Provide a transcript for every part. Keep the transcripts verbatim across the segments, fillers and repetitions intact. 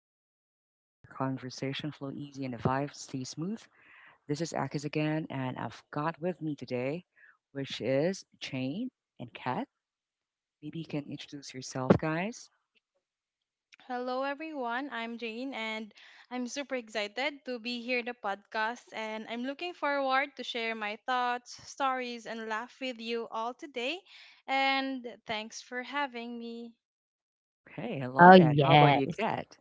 stepped into a chill zone where conversation flow easy and the vibe stay smooth. This is Akis again, and I've got with me today, which is Jane and Kat. Maybe you can introduce yourself, guys. Hello everyone, I'm Jane and I'm super excited to be here in the podcast and I'm looking forward to share my thoughts, stories and laugh with you all today and thanks for having me. Okay, I Oh, love that. How about you, yes. Kat?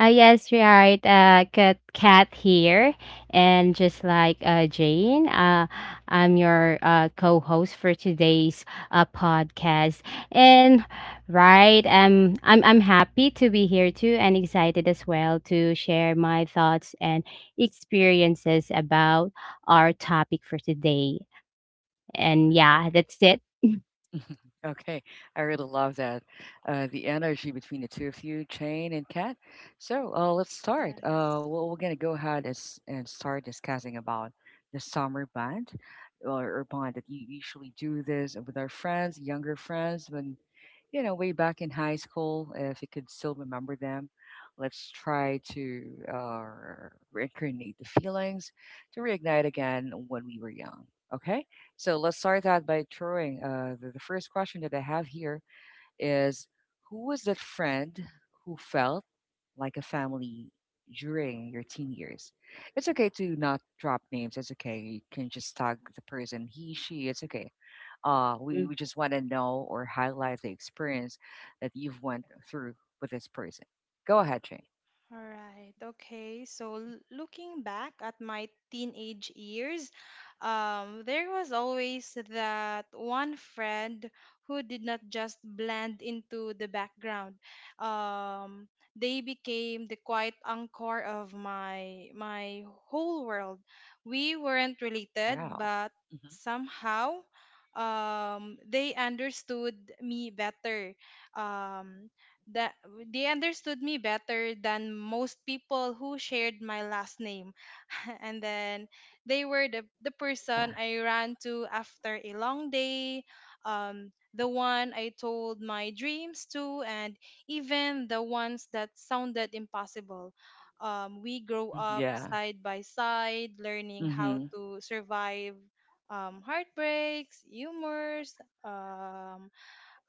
Ah, yes, right. Uh, Kat, Kat here. And just like uh, Jane, uh, I'm your uh, co host for today's uh, podcast. And right, um, I'm, I'm happy to be here too and excited as well to share my thoughts and experiences about our topic for today. And yeah, that's it. Okay, I really love that. Uh, the energy between the two of you, Jane and Kat. So uh, let's start. Yes. Uh, well, we're gonna go ahead and, s- and start discussing about the summer band or, or bond that you usually do this with our friends, younger friends, when you know way back in high school, if you could still remember them. Let's try to uh, reincarnate the feelings to reignite again when we were young. Okay. So let's start out by throwing uh, the, the first question that I have here is, who was that friend who felt like a family during your teen years? It's okay to not drop names. It's okay. You can just tag the person, he, she. It's okay. Uh, we, we just want to know or highlight the experience that you've went through with this person. Go ahead, Shane. All right. Okay. So l- looking back at my teenage years, um, there was always that one friend who did not just blend into the background. Um, they became the quiet anchor of my my whole world. We weren't related, Wow. but Mhm. somehow, um, they understood me better. Um, that they understood me better than most people who shared my last name. And then they were the, the Yeah. person I ran to after a long day, um, the one I told my dreams to, and even the ones that sounded impossible. Um, we grow Hmm. up Yeah. side by side, learning how Hmm. to survive um, heartbreaks, humors, um,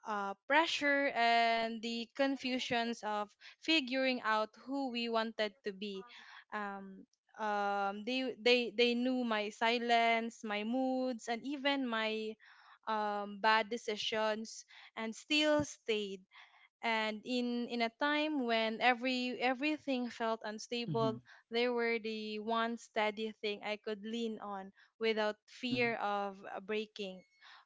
uh, pressure and the confusions of figuring out who we wanted to be. Um, um, they they they knew my silence, my moods, and even my um, bad decisions, and still stayed. And in in a time when every everything felt Hmm. unstable, they were the one steady thing I could lean on without Hmm. fear of uh, breaking.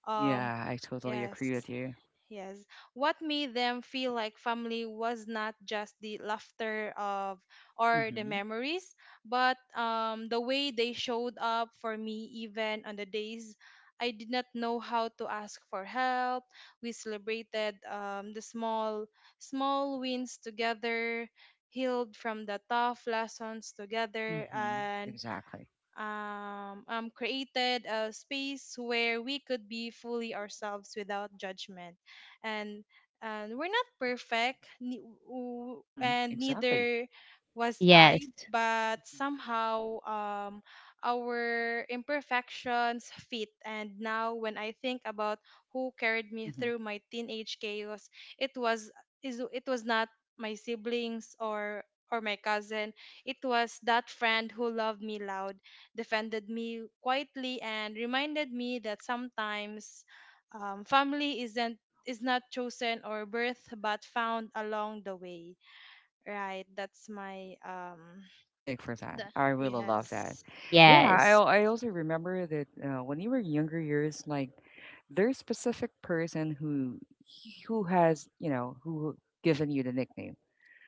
Um, Yeah, I totally agree yes. with you. Yes. What made them feel like family was not just the laughter of or the Mhm, memories, but um, the way they showed up for me even on the days I did not know how to ask for help. We celebrated um, the small small wins together, healed from the tough lessons together, mhm, and exactly. um, um, created a space where we could be fully ourselves without judgment. And, and we're not perfect, ne- w- Mhm, and exactly. neither was I, Yes. but Mhm, somehow um, our imperfections fit. And now, when I think about who carried me mhm. through my teenage chaos, it was is it was not my siblings or or my cousin. It was that friend who loved me loud, defended me quietly, and reminded me that sometimes um, family isn't is not chosen or birth but found along the way, right? That's my um Take for that. I really love that. yes Yeah, I Yes. al- I also remember that uh, when you were younger years, like there's specific person who who has you know who given you the nickname.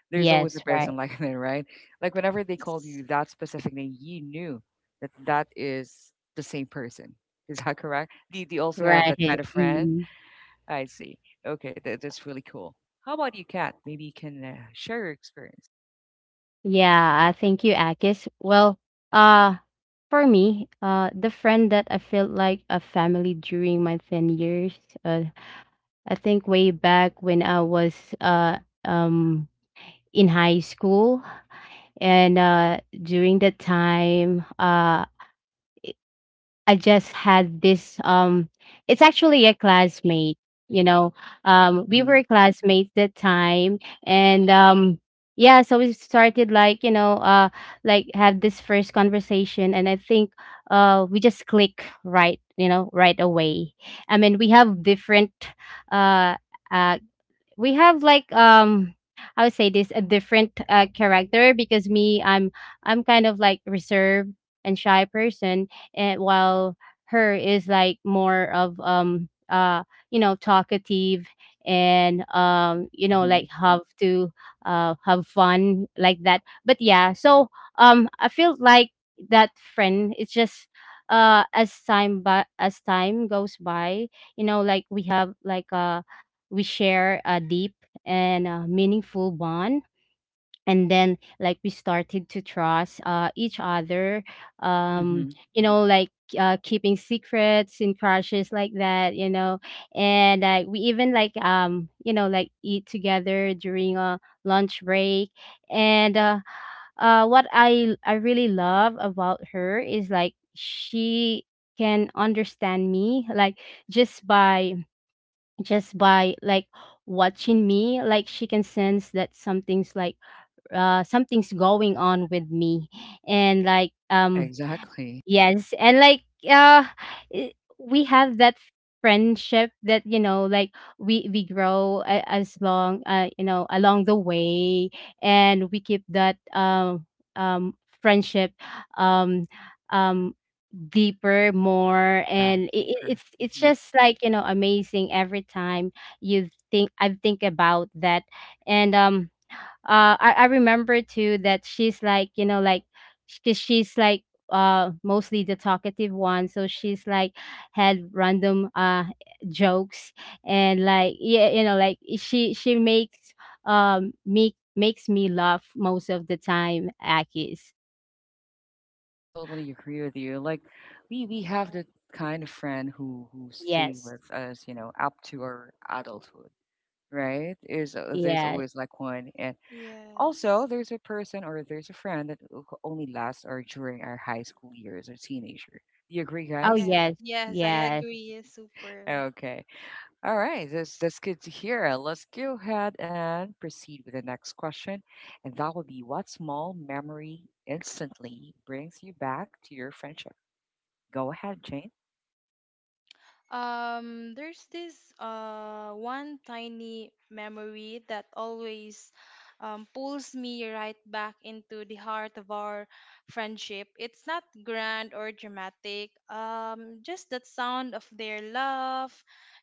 There's always a Yes, person right. like that, right? Like whenever they called yes you that specific name, you knew that that is the same person. Is that correct? Do, do you also have Right. that kind of friend? Mm. I see. Okay, that, that's really cool. How about you, Kat? Maybe you can uh, share your experience. Yeah, I thank you, Akis. Well, uh for me, uh the friend that I felt like a family during my ten years, uh I think way back when I was uh um in high school, and uh during that time uh I just had this um it's actually a classmate, you know. Um we Hmm. were classmates that time, and um yeah, so we started like, you know, uh like have this first conversation, and I think uh we just click right, you know, right away. I mean, we have different uh uh we have like um I would say this a different uh, character because me I'm I'm kind of like reserved and shy person, and while her is like more of um uh you know, talkative, and um you know, Hmm. like have to uh have fun like that. But yeah, so um I feel like that friend it's just uh as time but as time goes by, you know, like we have like a we share a deep and uh, meaningful bond. And then like we started to trust uh, each other, um, Hmm. you know, like uh, keeping secrets in crushes like that, you know. And uh, we even like um you know, like eat together during a lunch break. And uh, uh What i I really love about her is like she can understand me like just by just by like watching me. Like she can sense that something's like uh something's going on with me, and like Yeah, um exactly. Yes, and like uh i- we have that friendship that, you know, like we we grow a- as long uh you know, along the way. And we keep that um um friendship um um deeper more, Yeah, and it, it- deeper. it's it's Hmm. just like, you know, amazing every time you think I think about that. And um uh I, I remember too that she's like, you know, like because she's like uh mostly the talkative one, so she's like had random uh jokes. And like, yeah, you know, like she she makes um me makes me laugh most of the time, Akis. I totally agree with you. Like, we we have uh, the kind of friend who who stay Yes. with us, you know, up to our adulthood, right? Is uh, there's Yes. always like one, and yes also there's a person or there's a friend that o- only lasts or during our high school years or teenager. Do you agree, Oh, guys? yes yes. yes I Yes. agree, super. Okay. All right, that's that's good to hear. Uh, Let's go ahead and proceed with the next question, and that will be, what small memory instantly brings you back to your friendship? Go ahead, Jane. Um, there's this uh, one tiny memory that always um, pulls me right back into the heart of our friendship. It's not grand or dramatic, um, just that sound of their laugh,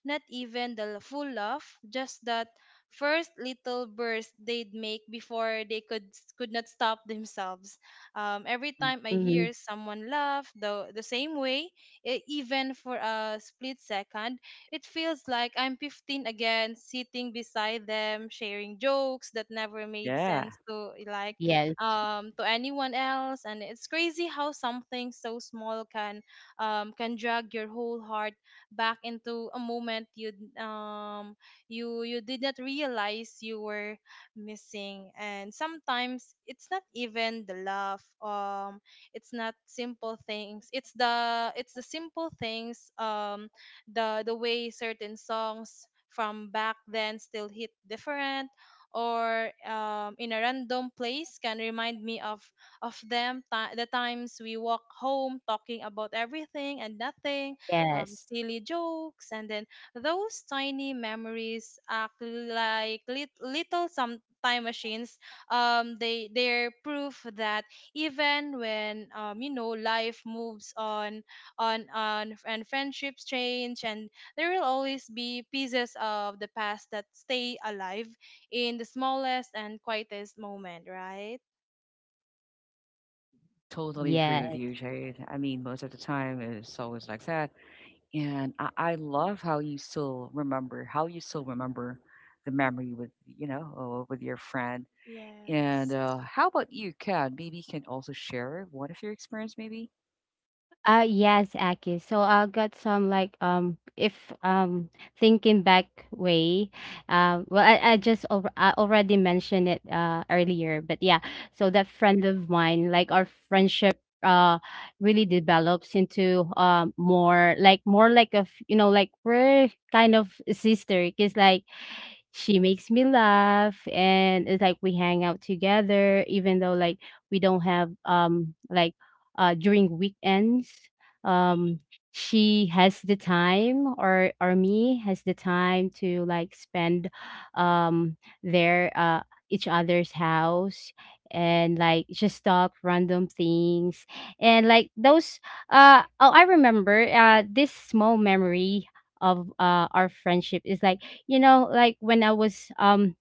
not even the l- full laugh, just that first little burst they'd make before they could could not stop themselves. Um, every Mm. time I hear Hmm. someone laugh the the same way, e- even for a split second, it feels like I'm fifteen again, sitting beside them, sharing jokes that never made Yeah, sense to like Yes. um, to anyone else. And it's crazy how something so small can um, can drag your whole heart back into a moment you um you you did not realize you were missing. And sometimes it's not even the love. Um, it's not simple things it's the it's the simple things, um the the way certain songs from back then still hit different, or um, in a random place can remind me of of them ti the times we walk home talking about everything and nothing, um, Yes. silly jokes. And then those tiny memories act like lit- little some time machines. Um they they're proof that even when, um, you know, life moves on on on and friendships change, and there will always be pieces of the past that stay alive in the smallest and quietest moment, right? I totally agree with Yes. you, Jade. I mean, most of the time it's always like that. And I, I love how you still remember how you still remember the memory with you know uh, with your friend. And Yes. uh, how about you, Kat? Maybe you can also share one of your experience, maybe. Uh yes, Aki. So I got some like um if um thinking back way, uh, well, I, I just over, I already mentioned it uh earlier, but yeah. So that friend of mine, like our friendship uh really develops into um more like more like a f- you know, like we're kind of sister, because like she makes me laugh, and it's like we hang out together, even though like we don't have um like uh during weekends um she has the time, or or me has the time to like spend um their uh each other's house, and like just talk random things. And like those uh oh, I remember uh this small memory of uh our friendship is like, you know, like when I was um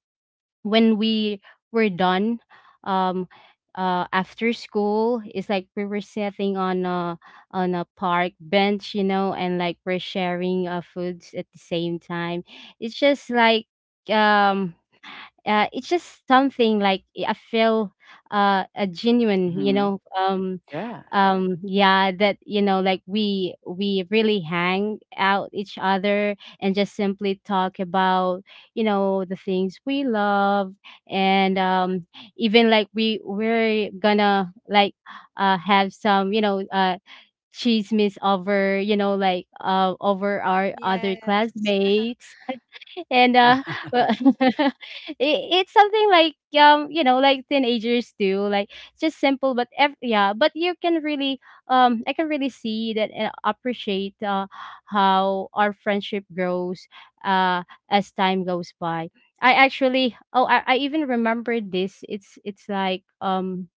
when we were done um uh after school, it's like we were sitting on a on a park bench, you know, and like we're sharing uh foods at the same time. It's just like um uh, it's just something like eh, I feel uh, a genuine, you Mm-hmm. know, um, Yeah. um, yeah, that, you know, like we we really hang out each other and just simply talk about, you know, the things we love. And um, Even like we we're gonna like uh, have some, you know, uh, chismes over, you know, like uh, over our other Yes. classmates. And Yeah. uh well, it, it's something like, um you know, like teenagers do. Like it's just simple, but ev- yeah, but you can really um I can really see that and appreciate uh how our friendship grows uh as time goes by. I actually oh i, I even remember this. It's it's like um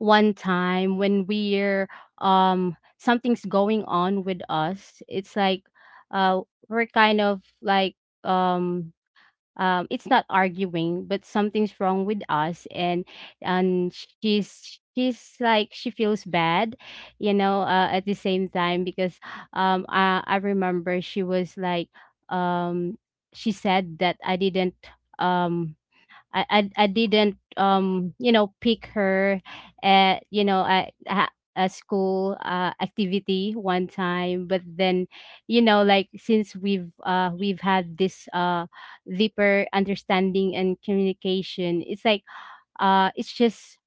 one time when we're um something's going on with us. It's like uh we're kind of like um um, it's not arguing, but something's wrong with us. And and she's she's like she feels bad, you know. Uh, at the same time, because um, I I remember she was like um, she said that I didn't um I I, I didn't um you know, pick her at you know at, at a school uh, activity one time. But then, you know, like since we've uh we've had this uh deeper understanding and communication, it's like uh it's just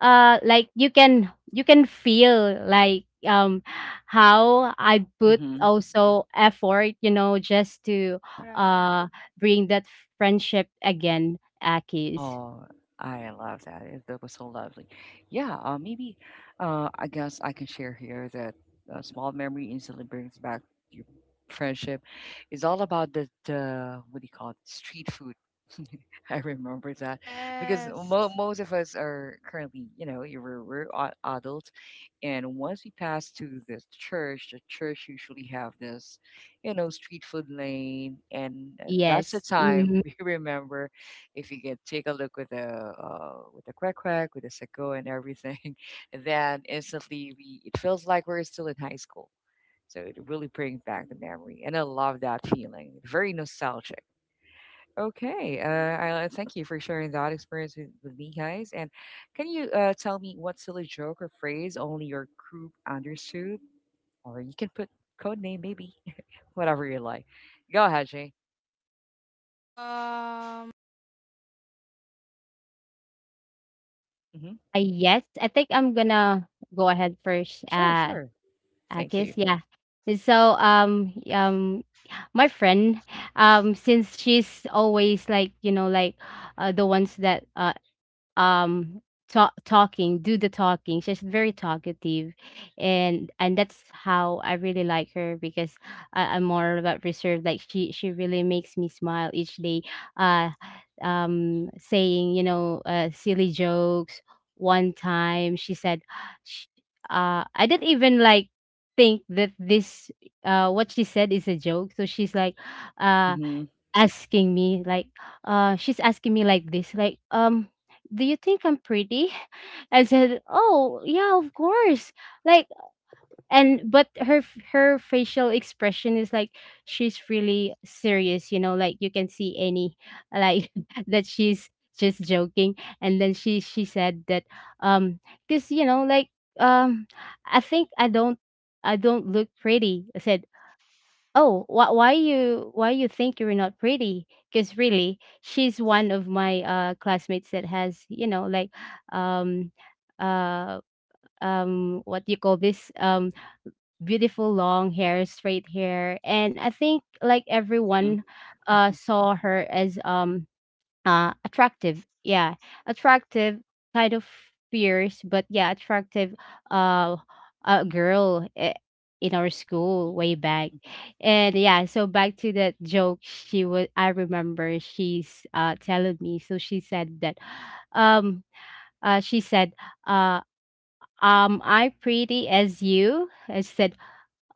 uh like you can you can feel like um how I put Mm-hmm. also effort, you know, just to Yeah. Right. uh bring that friendship again, Akis. Oh, I love that. It- That was so lovely. Yeah, uh, maybe uh, I guess I can share here that a small memory instantly brings back your friendship. It's all about the, the what do you call it, street food. I remember that because mo- Yes. most of us are currently, you know, you we're, we're a- adults, and once we pass to the church, the church usually have this, you know, street food lane, and uh, that's the Yes, mhm. time we remember if you can take a look with the uh, with the crack crack with the sicko and everything, then instantly we it feels like we're still in high school. So it really brings back the memory, and I love that feeling. Very nostalgic. Okay, uh, I I thank you for sharing that experience with, with me, guys. And can you uh, tell me what silly joke or phrase only your group understood? Or you can put code name, maybe, whatever you like. Go ahead, Jay. um Hmm. Uh, yes, I think I'm gonna go ahead first, Sure, uh, sure. Thank you. Akis, yeah. So, um, um, my friend, um, since she's always like, you know, like, uh, the ones that, uh, um ta- talking, do the talking, she's very talkative. And and that's how I really like her, because I, I'm more about reserved. Like she she really makes me smile each day, uh um saying, you know, uh, silly jokes. One time she said sh uh I didn't even like think that this uh what she said is a joke. So she's like uh Mm-hmm. asking me like uh she's asking me like this, like, um do you think I'm pretty? I said, "Oh, yeah, of course." Like, and but her f- her facial expression is like she's really serious, you know. Like you can see any like that she's just joking. And then she she said that um because, you know, like, um I think i don't I don't look pretty. I said, "Oh, why, why you why you think you're not pretty?" Because really, she's one of my uh classmates that has, you know, like, um, uh, um, what do you call this? Um, beautiful long hair, straight hair, and I think like everyone, uh, saw her as um uh attractive, yeah, attractive, kind of fierce, but yeah, attractive uh uh girl i- in our Yeah. school Mhm. way back. Mhm. And yeah, so back to that joke, she was, I remember she's uh telling me, so she said that um uh she said uh um I pretty as you. I said,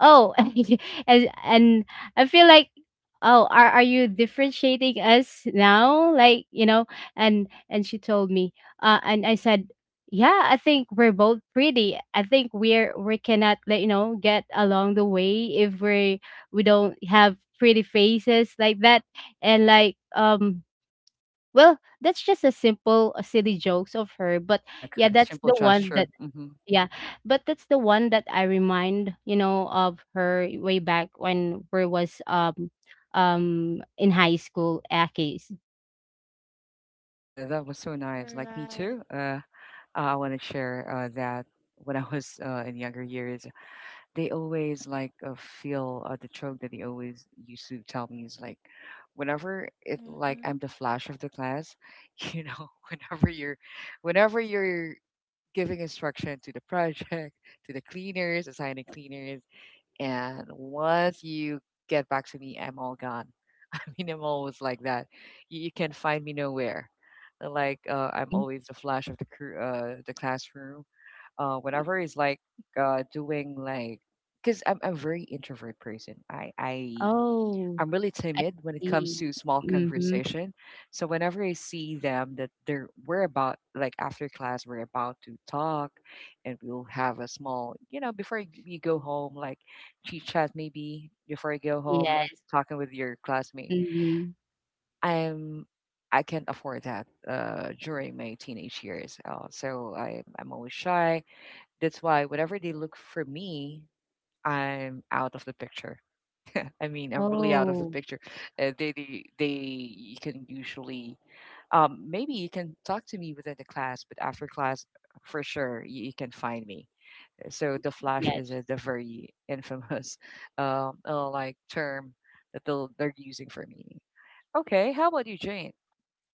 "Oh," and and I feel like, oh, are are you differentiating us now? Like, you know, and and she told me. Uh, and I said, "Yeah, I think we're both pretty. I think we're we cannot, like, you know, get along the way if we we don't have pretty faces like that." And like um well, that's just a simple a silly jokes of her, but Yeah, yeah, ki that's simple the one that gesture. Mhm. yeah, but that's the one that I remind, you know, of her way back when we was um um in high school, Aki's. Yeah, that was so nice. Like me Right. too. Uh, I want to share uh, that when I was uh, in younger years, they always like uh, feel uh, the joke that they always used to tell me is like, whenever it like I'm the Mm-hmm. flash of the class, you know, whenever you're, whenever you're giving instruction to the project, to the cleaners, assigning cleaners, and once you get back to me, I'm all gone. I'm always like that. You, you can find me nowhere. Uh, Like uh, I'm Mhm. always the flash of the cr- uh, the classroom. Uh, whenever it's like uh, doing like, because I'm I'm a very introvert person. I I Oh, I'm really I timid when it comes see. to small Mm-hmm. conversation. So whenever I see them that they're we're about like after class we're about to talk, and we'll have a small you know before y- we go home like chit chat maybe before I go home uh, Yes. talking with your classmate Mm-hmm. I'm I can't afford that uh, during my teenage years. Uh, so I, I'm always shy. That's why whenever they look for me, I'm out of the picture. I mean, I'm really out of the Oh, picture. Uh, they, they, they, you can usually, um, maybe you can talk to me within the class, but after class, for sure, you, you can find me. So the flash is yes. a, the very infamous, um, uh, like term that they'll, they're using for me. Okay, how about you, Jane?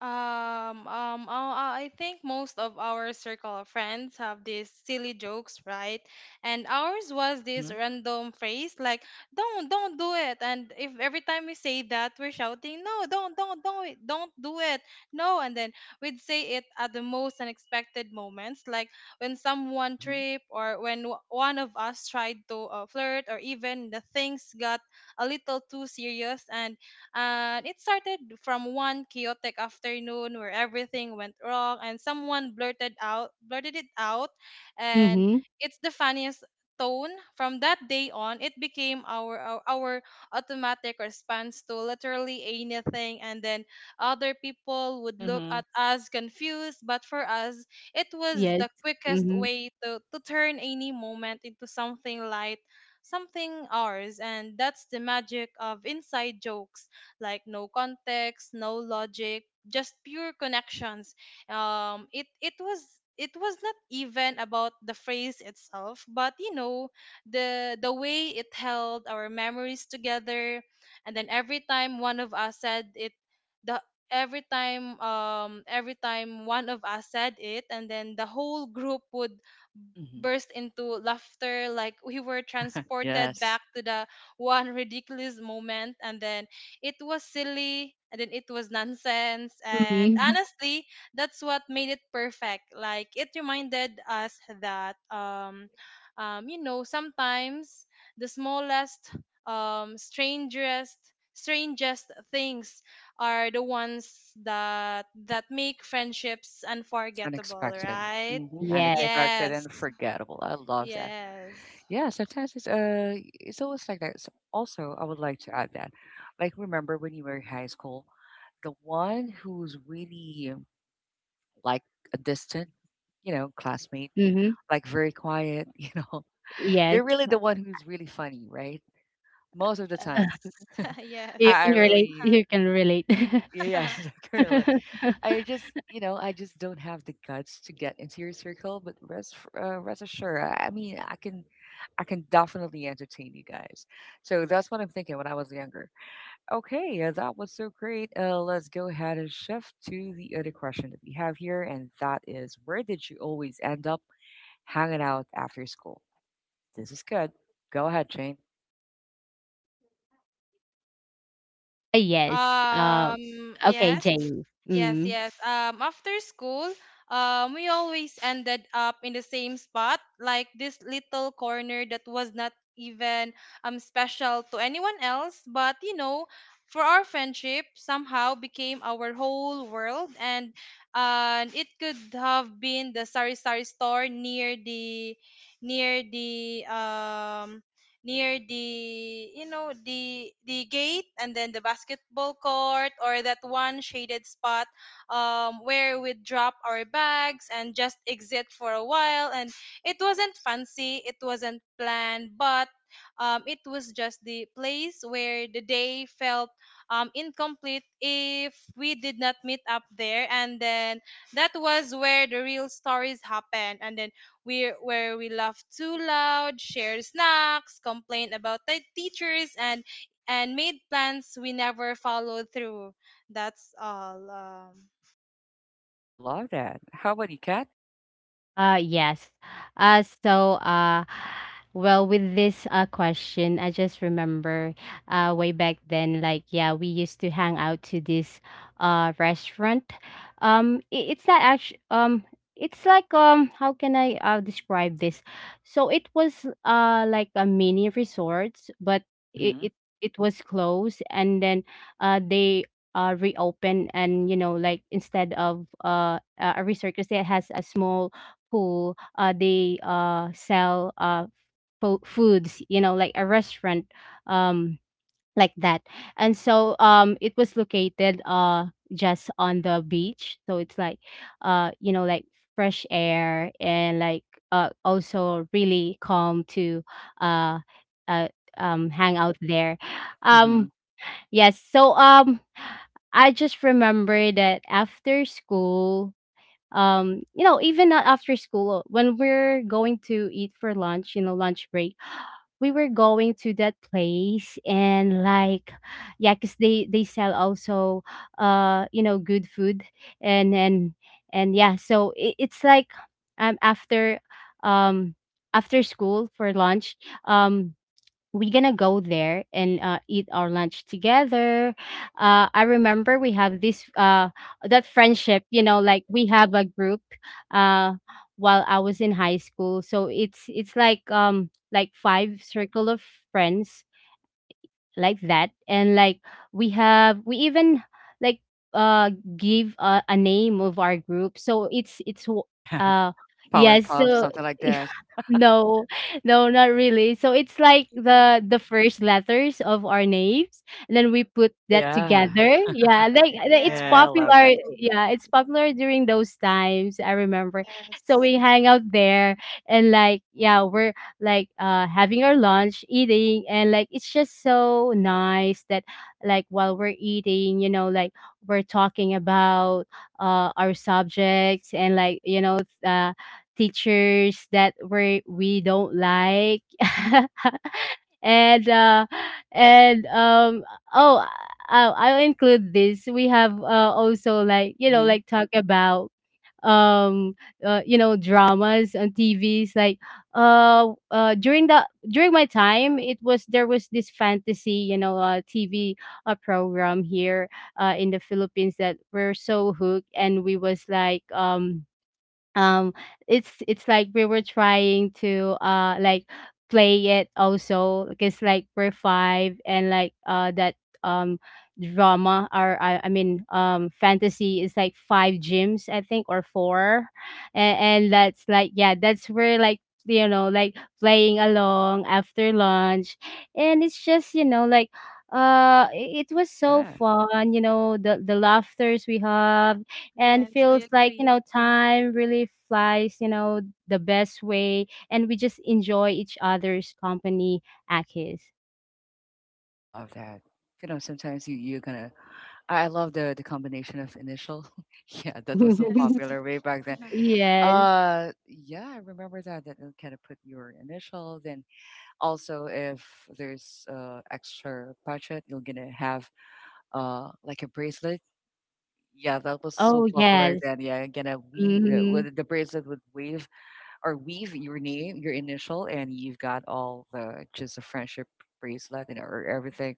Um, um, oh, I I think most of our circle of friends have these silly jokes, right? And ours was Mm-hmm. this random phrase like, "Don't, don't do it." And if every time we say that, we're shouting, "No, don't, don't, don't, it- don't do it, no!" And then we'd say it at the most unexpected moments, like when someone Mhm, tripped or when w- one of us tried to uh, flirt, or even the things got a little too serious. and and it started from one chaotic afternoon where everything went wrong and someone blurted out blurted it out, and Mm-hmm. it's the funniest tone. From that day on, it became our our, our automatic response to literally anything. And then other people would look at mhm, us confused, but for us it Yes. was the quickest Mm-hmm. way to, to turn any moment into something light, something ours. And that's the magic of inside jokes, like no context, no logic, just pure connections. Um, it it was it was not even about the phrase itself, but you know the the way it held our memories together. And then every time one of us said it, the every time um every time one of us said it, and then the whole group would mhm. burst into laughter like we were transported back Yes, to the one ridiculous moment. And then it was silly and then it was nonsense. And Mm-hmm. honestly, that's what made it perfect. Like it reminded us that, um, um, you know, sometimes the smallest, um, strangest, strangest things are the ones that that make friendships unforgettable, unexpected. right? Mhm, Yes. unexpected and Yes. forgettable. I love that. Yes. Yeah, sometimes it's uh, it's always like that. So also, I would like to add that, like, remember when you were in high school, the one who's really like a distant, you know, classmate, Mm-hmm. like very quiet, you know, Yes. they're really the one who's really funny, right? Most of the Uh, time. Yes. I you Yes. I can relate. really, You can relate. yes, currently. I just, you know, I just don't have the guts to get into your circle. But rest, f- uh, rest assured, I I mean, I can, I can definitely entertain you guys. So that's what I'm thinking when I was younger. Okay, uh, that was so great. Uh, let's go ahead and shift to the other question that we have here, and that is, where did you always end up hanging out after school? This is good. Go ahead, Jane. Yes. Uh, Um, okay, yes. Jane. Yes, Mm. yes. Um, after school, um, we always ended up in the same spot, like this little corner that was not even um special to anyone else, but you know, for our friendship somehow became our whole world. and and it could have been the sari sari store near the near the um near the, you know, the the gate, and then the basketball court, or that one shaded spot um, where we drop our bags and just exit for a while. And it wasn't fancy, it wasn't planned, but um, it was just the place where the day felt um, incomplete if we did not meet up there. And then that was where the real stories happen, and then where, where we laugh too loud, share snacks, complain about the teachers, and and made plans we never followed through. That's all. Um, I love that. How about you, Kat? Uh, yes. Uh, so, uh, well, with this uh, question, I just remember uh, way back then, like, yeah, we used to hang out to this uh, restaurant. Um, i- it's not actually, um, it's like, um, how can I uh, describe this? So it was uh, like a mini resort, but it, Mm-hmm. it, it was closed, and then uh, they uh, reopen, and you know, like instead of uh, a a resort, because it has a small who uh, they uh, sell uh, fo- foods, you know, like a restaurant, um, like that. And so um, it was located uh, just on the beach. So it's like, uh, you know, like fresh air, and like uh, also really calm to uh, uh, um, hang out there. Mm-hmm. Um, yes. So um, I just remember that after school, um you know, even not after school, when we're going to eat for lunch, you know, lunch break, we were going to that place. And like, yeah, because they they sell also uh you know, good food. And and and yeah, so it, it's like um after um after school for lunch um we're gonna go there and uh, eat our lunch together. Uh, I remember we have this uh, that friendship, you know, like we have a group uh, while I was in high school. So it's it's like um like five circle of friends like that. And like we have we even like uh give a, a name of our group. So it's it's w- Yeah. uh yes Powerpuff, so something like that. no, no, not really. So it's like Yeah, the the first letters of our names, and then we put Oh that yeah. together. Yeah, like like it's Yeah, yeah, I high love popular. that. school Yeah, it's moment. popular during those times. I remember. So Yes, we hang out there, and like yeah, we're like uh having our lunch, eating, and like it's just so nice that like while we're eating, you know, like we're talking about uh our subjects and like you know uh teachers that we we don't like and uh and um oh I'll, I'll include this we have uh, also like you know Mhm. like talk about um uh, you know dramas on T Vs like uh uh during the during my time it was there was this fantasy you know uh T V uh, program here uh in the Philippines that we're so hooked and we was like um um it's it's like we were trying to uh like play it also because like we're five and like uh that um drama or I, I mean um fantasy is like five gyms I think or four and, and that's like yeah that's where like you know like playing along after lunch and it's just you know like uh i- it was so Yeah, fun you know the the laughters we have and yes, I feels like you agree. know time really flies you know the best way and we just enjoy each other's company akis I love that. You know, sometimes you you're gonna I I love the the combination of initial. Yeah, that was so Yes, popular way back then. yes. Uh, yeah, I remember that. That kind of put your initial. Then also, if there's uh extra budget, you're gonna have uh like a bracelet. Yeah, that was so Oh popular yes. then. Yeah, gonna we uh, Hmm. with the bracelet would wave or weave your name, your initial, and you've got all the just a friendship bracelet and or everything.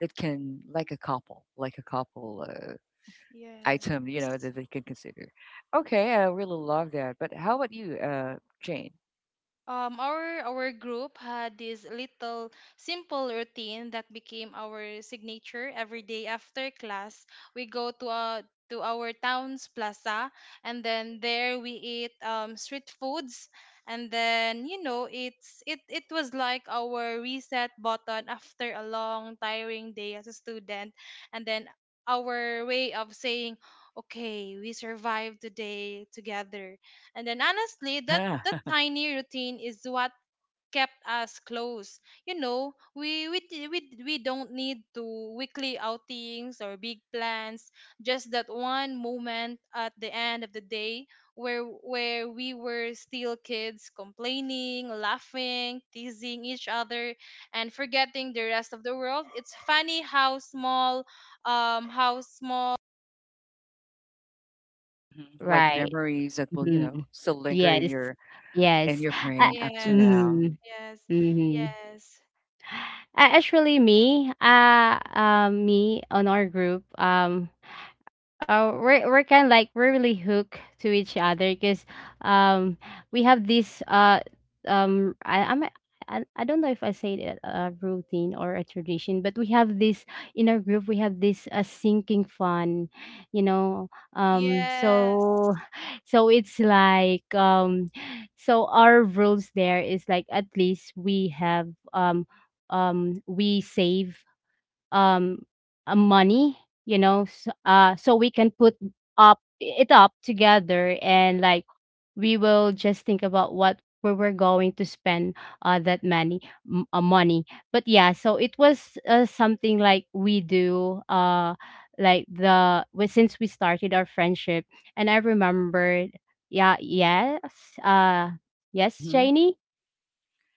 That can like a couple, like a couple uh, item, you know, yes. that they can consider. Okay, I really love that. But how about you, uh, Jane? Um, our our group had this little simple routine that became our signature every day after class. We go to a to our town's plaza, and then there we eat um, street foods, and then you know it's it it was like our reset button after a long tiring day as a student. And then our way of saying, okay, we survived today together. And then honestly, that Yeah. that tiny routine is what kept us close. You know, we we d- we d- we don't need to weekly outings or big plans. Just that one moment at the end of the day where where we were still kids, complaining, laughing, teasing each other, and forgetting the rest of the world. It's funny how small, um, how small. Hmm. Like Right. memories that will, you Hmm. know, still linger in Yes. your in Yes. your I, brain up to Yes, now. mm, yes, hmm yes. Uh, actually me uh, uh me on our group um uh, we're we're kind of like we're really hooked to each other because um we have this uh um I I'm a- I, I don't know if I say it a routine or a tradition, but we have this in our group. We have this uh, sinking fun, you know. Um, Yes. so so it's like um, so our rules there is like at least we have um um we save um uh, money you know so, uh so we can put up it up together and like we will just think about what we were going to spend uh that money m- uh, money. But yeah so it was uh, something like we do uh like the we- since we started our friendship and I remembered. Yeah, yes. Uh, yes Mm-hmm. janie.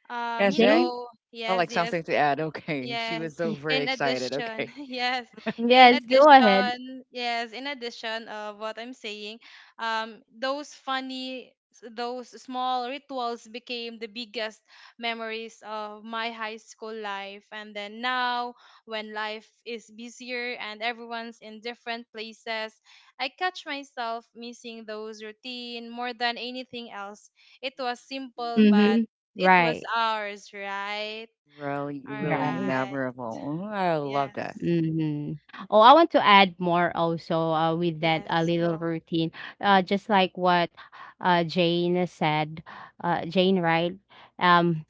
Um, Yes, you Jane. Jane. know, I yes, like yes. something to add. Okay, she Yes. was so Mm, very In excited. addition, Okay, yes. In yes, go ahead. addition, yes. In addition of what I'm saying, um, those funny, s- those small rituals became the biggest memories of my high school life. And then now, when life is busier and everyone's in different places, I catch myself missing those routine more than anything else. It was simple, but Mm-hmm. it was Right. ours, right? really, All really Right. right. memorable. Mm, I love that. Yes. Mhm. Oh, I want to add more also uh, with that uh, Yes. little Go. routine. Uh, just like what uh, Jane said, uh, Jane, right? Um,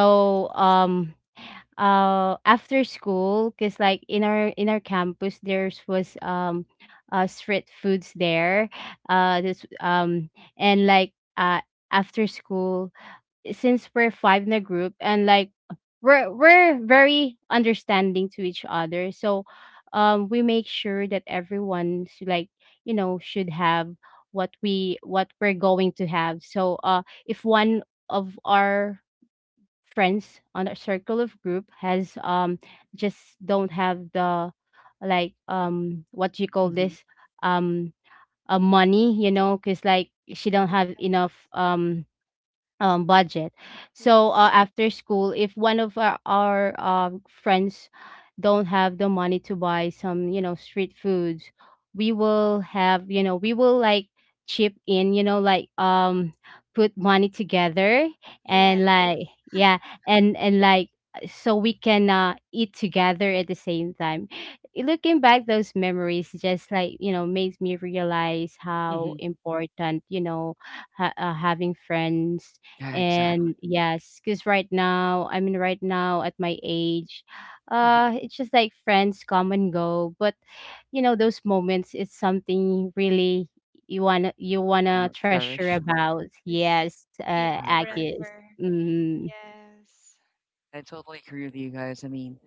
Yeah. um, uh, after school, cause like in our in our campus, there's was um, uh, street foods there. Uh, this um, and like uh, after school since we're five in a group and like we're we're very understanding to each other so um we make sure that everyone's like you know should have what we what we're going to have. So uh if one of our friends on our circle of group has um just don't have the like um what do you call Hmm. this, um uh, money, you know, because like she don't have Yes. enough um um, budget. So uh, Yes. after school, if one of our, our um, friends don't have the money to buy some, you know, street foods, we will have, you know, we will like chip in, you know, like um, put money together Yes. and like yeah, and and like so we can uh, eat together at the same time. Looking back, those memories just like you know makes me realize how Hmm. important you know ha- uh, having friends. Yeah, And exactly. yes, because right now, I mean, right now at my age, Hmm. uh, it's just like friends come and go. But you know, those moments, it's something really you wanna you wanna treasure Cherish. about. Yes. Yes, Keep uh, I agree. Agis. forever. Mm, Yes. I totally agree with you guys. I mean,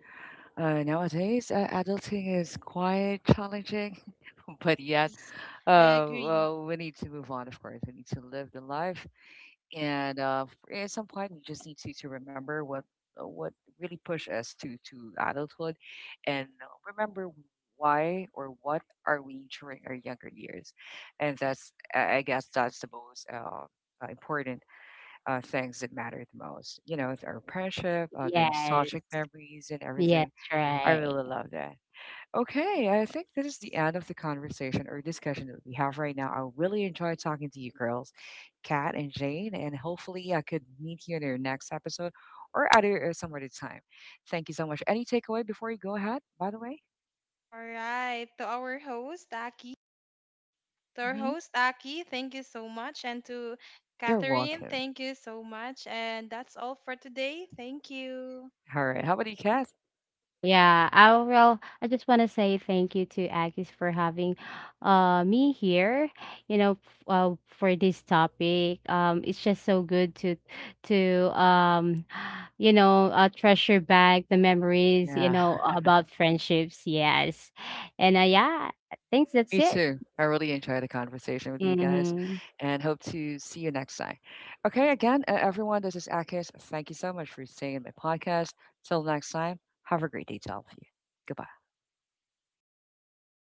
uh, nowadays, uh, adulting is quite challenging, but yet, Yes. I uh, agree. well, we need to move on. Of course, we need to live the life, and uh, f- at some point, we just need to, to remember what uh, what really pushed us to to adulthood, and remember why or what are we during our younger years, and that's I I guess that's the most uh, uh, important uh, things that matter the most. You know, our friendship, uh, the yes, nostalgic memories, and yes, everything. I right. really love that. Okay, Yes. I think this is the end of the conversation or discussion that we have right now. I really enjoyed talking to you girls, Kat and Jane, and hopefully I could meet you in your next episode or other uh, some other time. Thank you so much. Any takeaway before you go ahead, by the way? All right. To our host, Aki. To our Hmm. host, Aki, thank you so much. And to You're Catherine, welcome. thank you so much. And that's all for today. Thank you. All right. How about you, Kat? Yeah, I well, I just want to say thank you to Agis for having uh me here, you know, f- uh, for this topic. Um, it's just so good to to um you know, uh, treasure back the memories, you Yeah. know, about friendships. Yes. And uh, yeah, I think that's Me it. too. I really enjoyed the conversation with you guys Mhm. and hope to see you next time. Okay, again, uh, everyone, this is Akis. Thank you so much for staying in my podcast. Till next time, have a great day to all of you. Goodbye.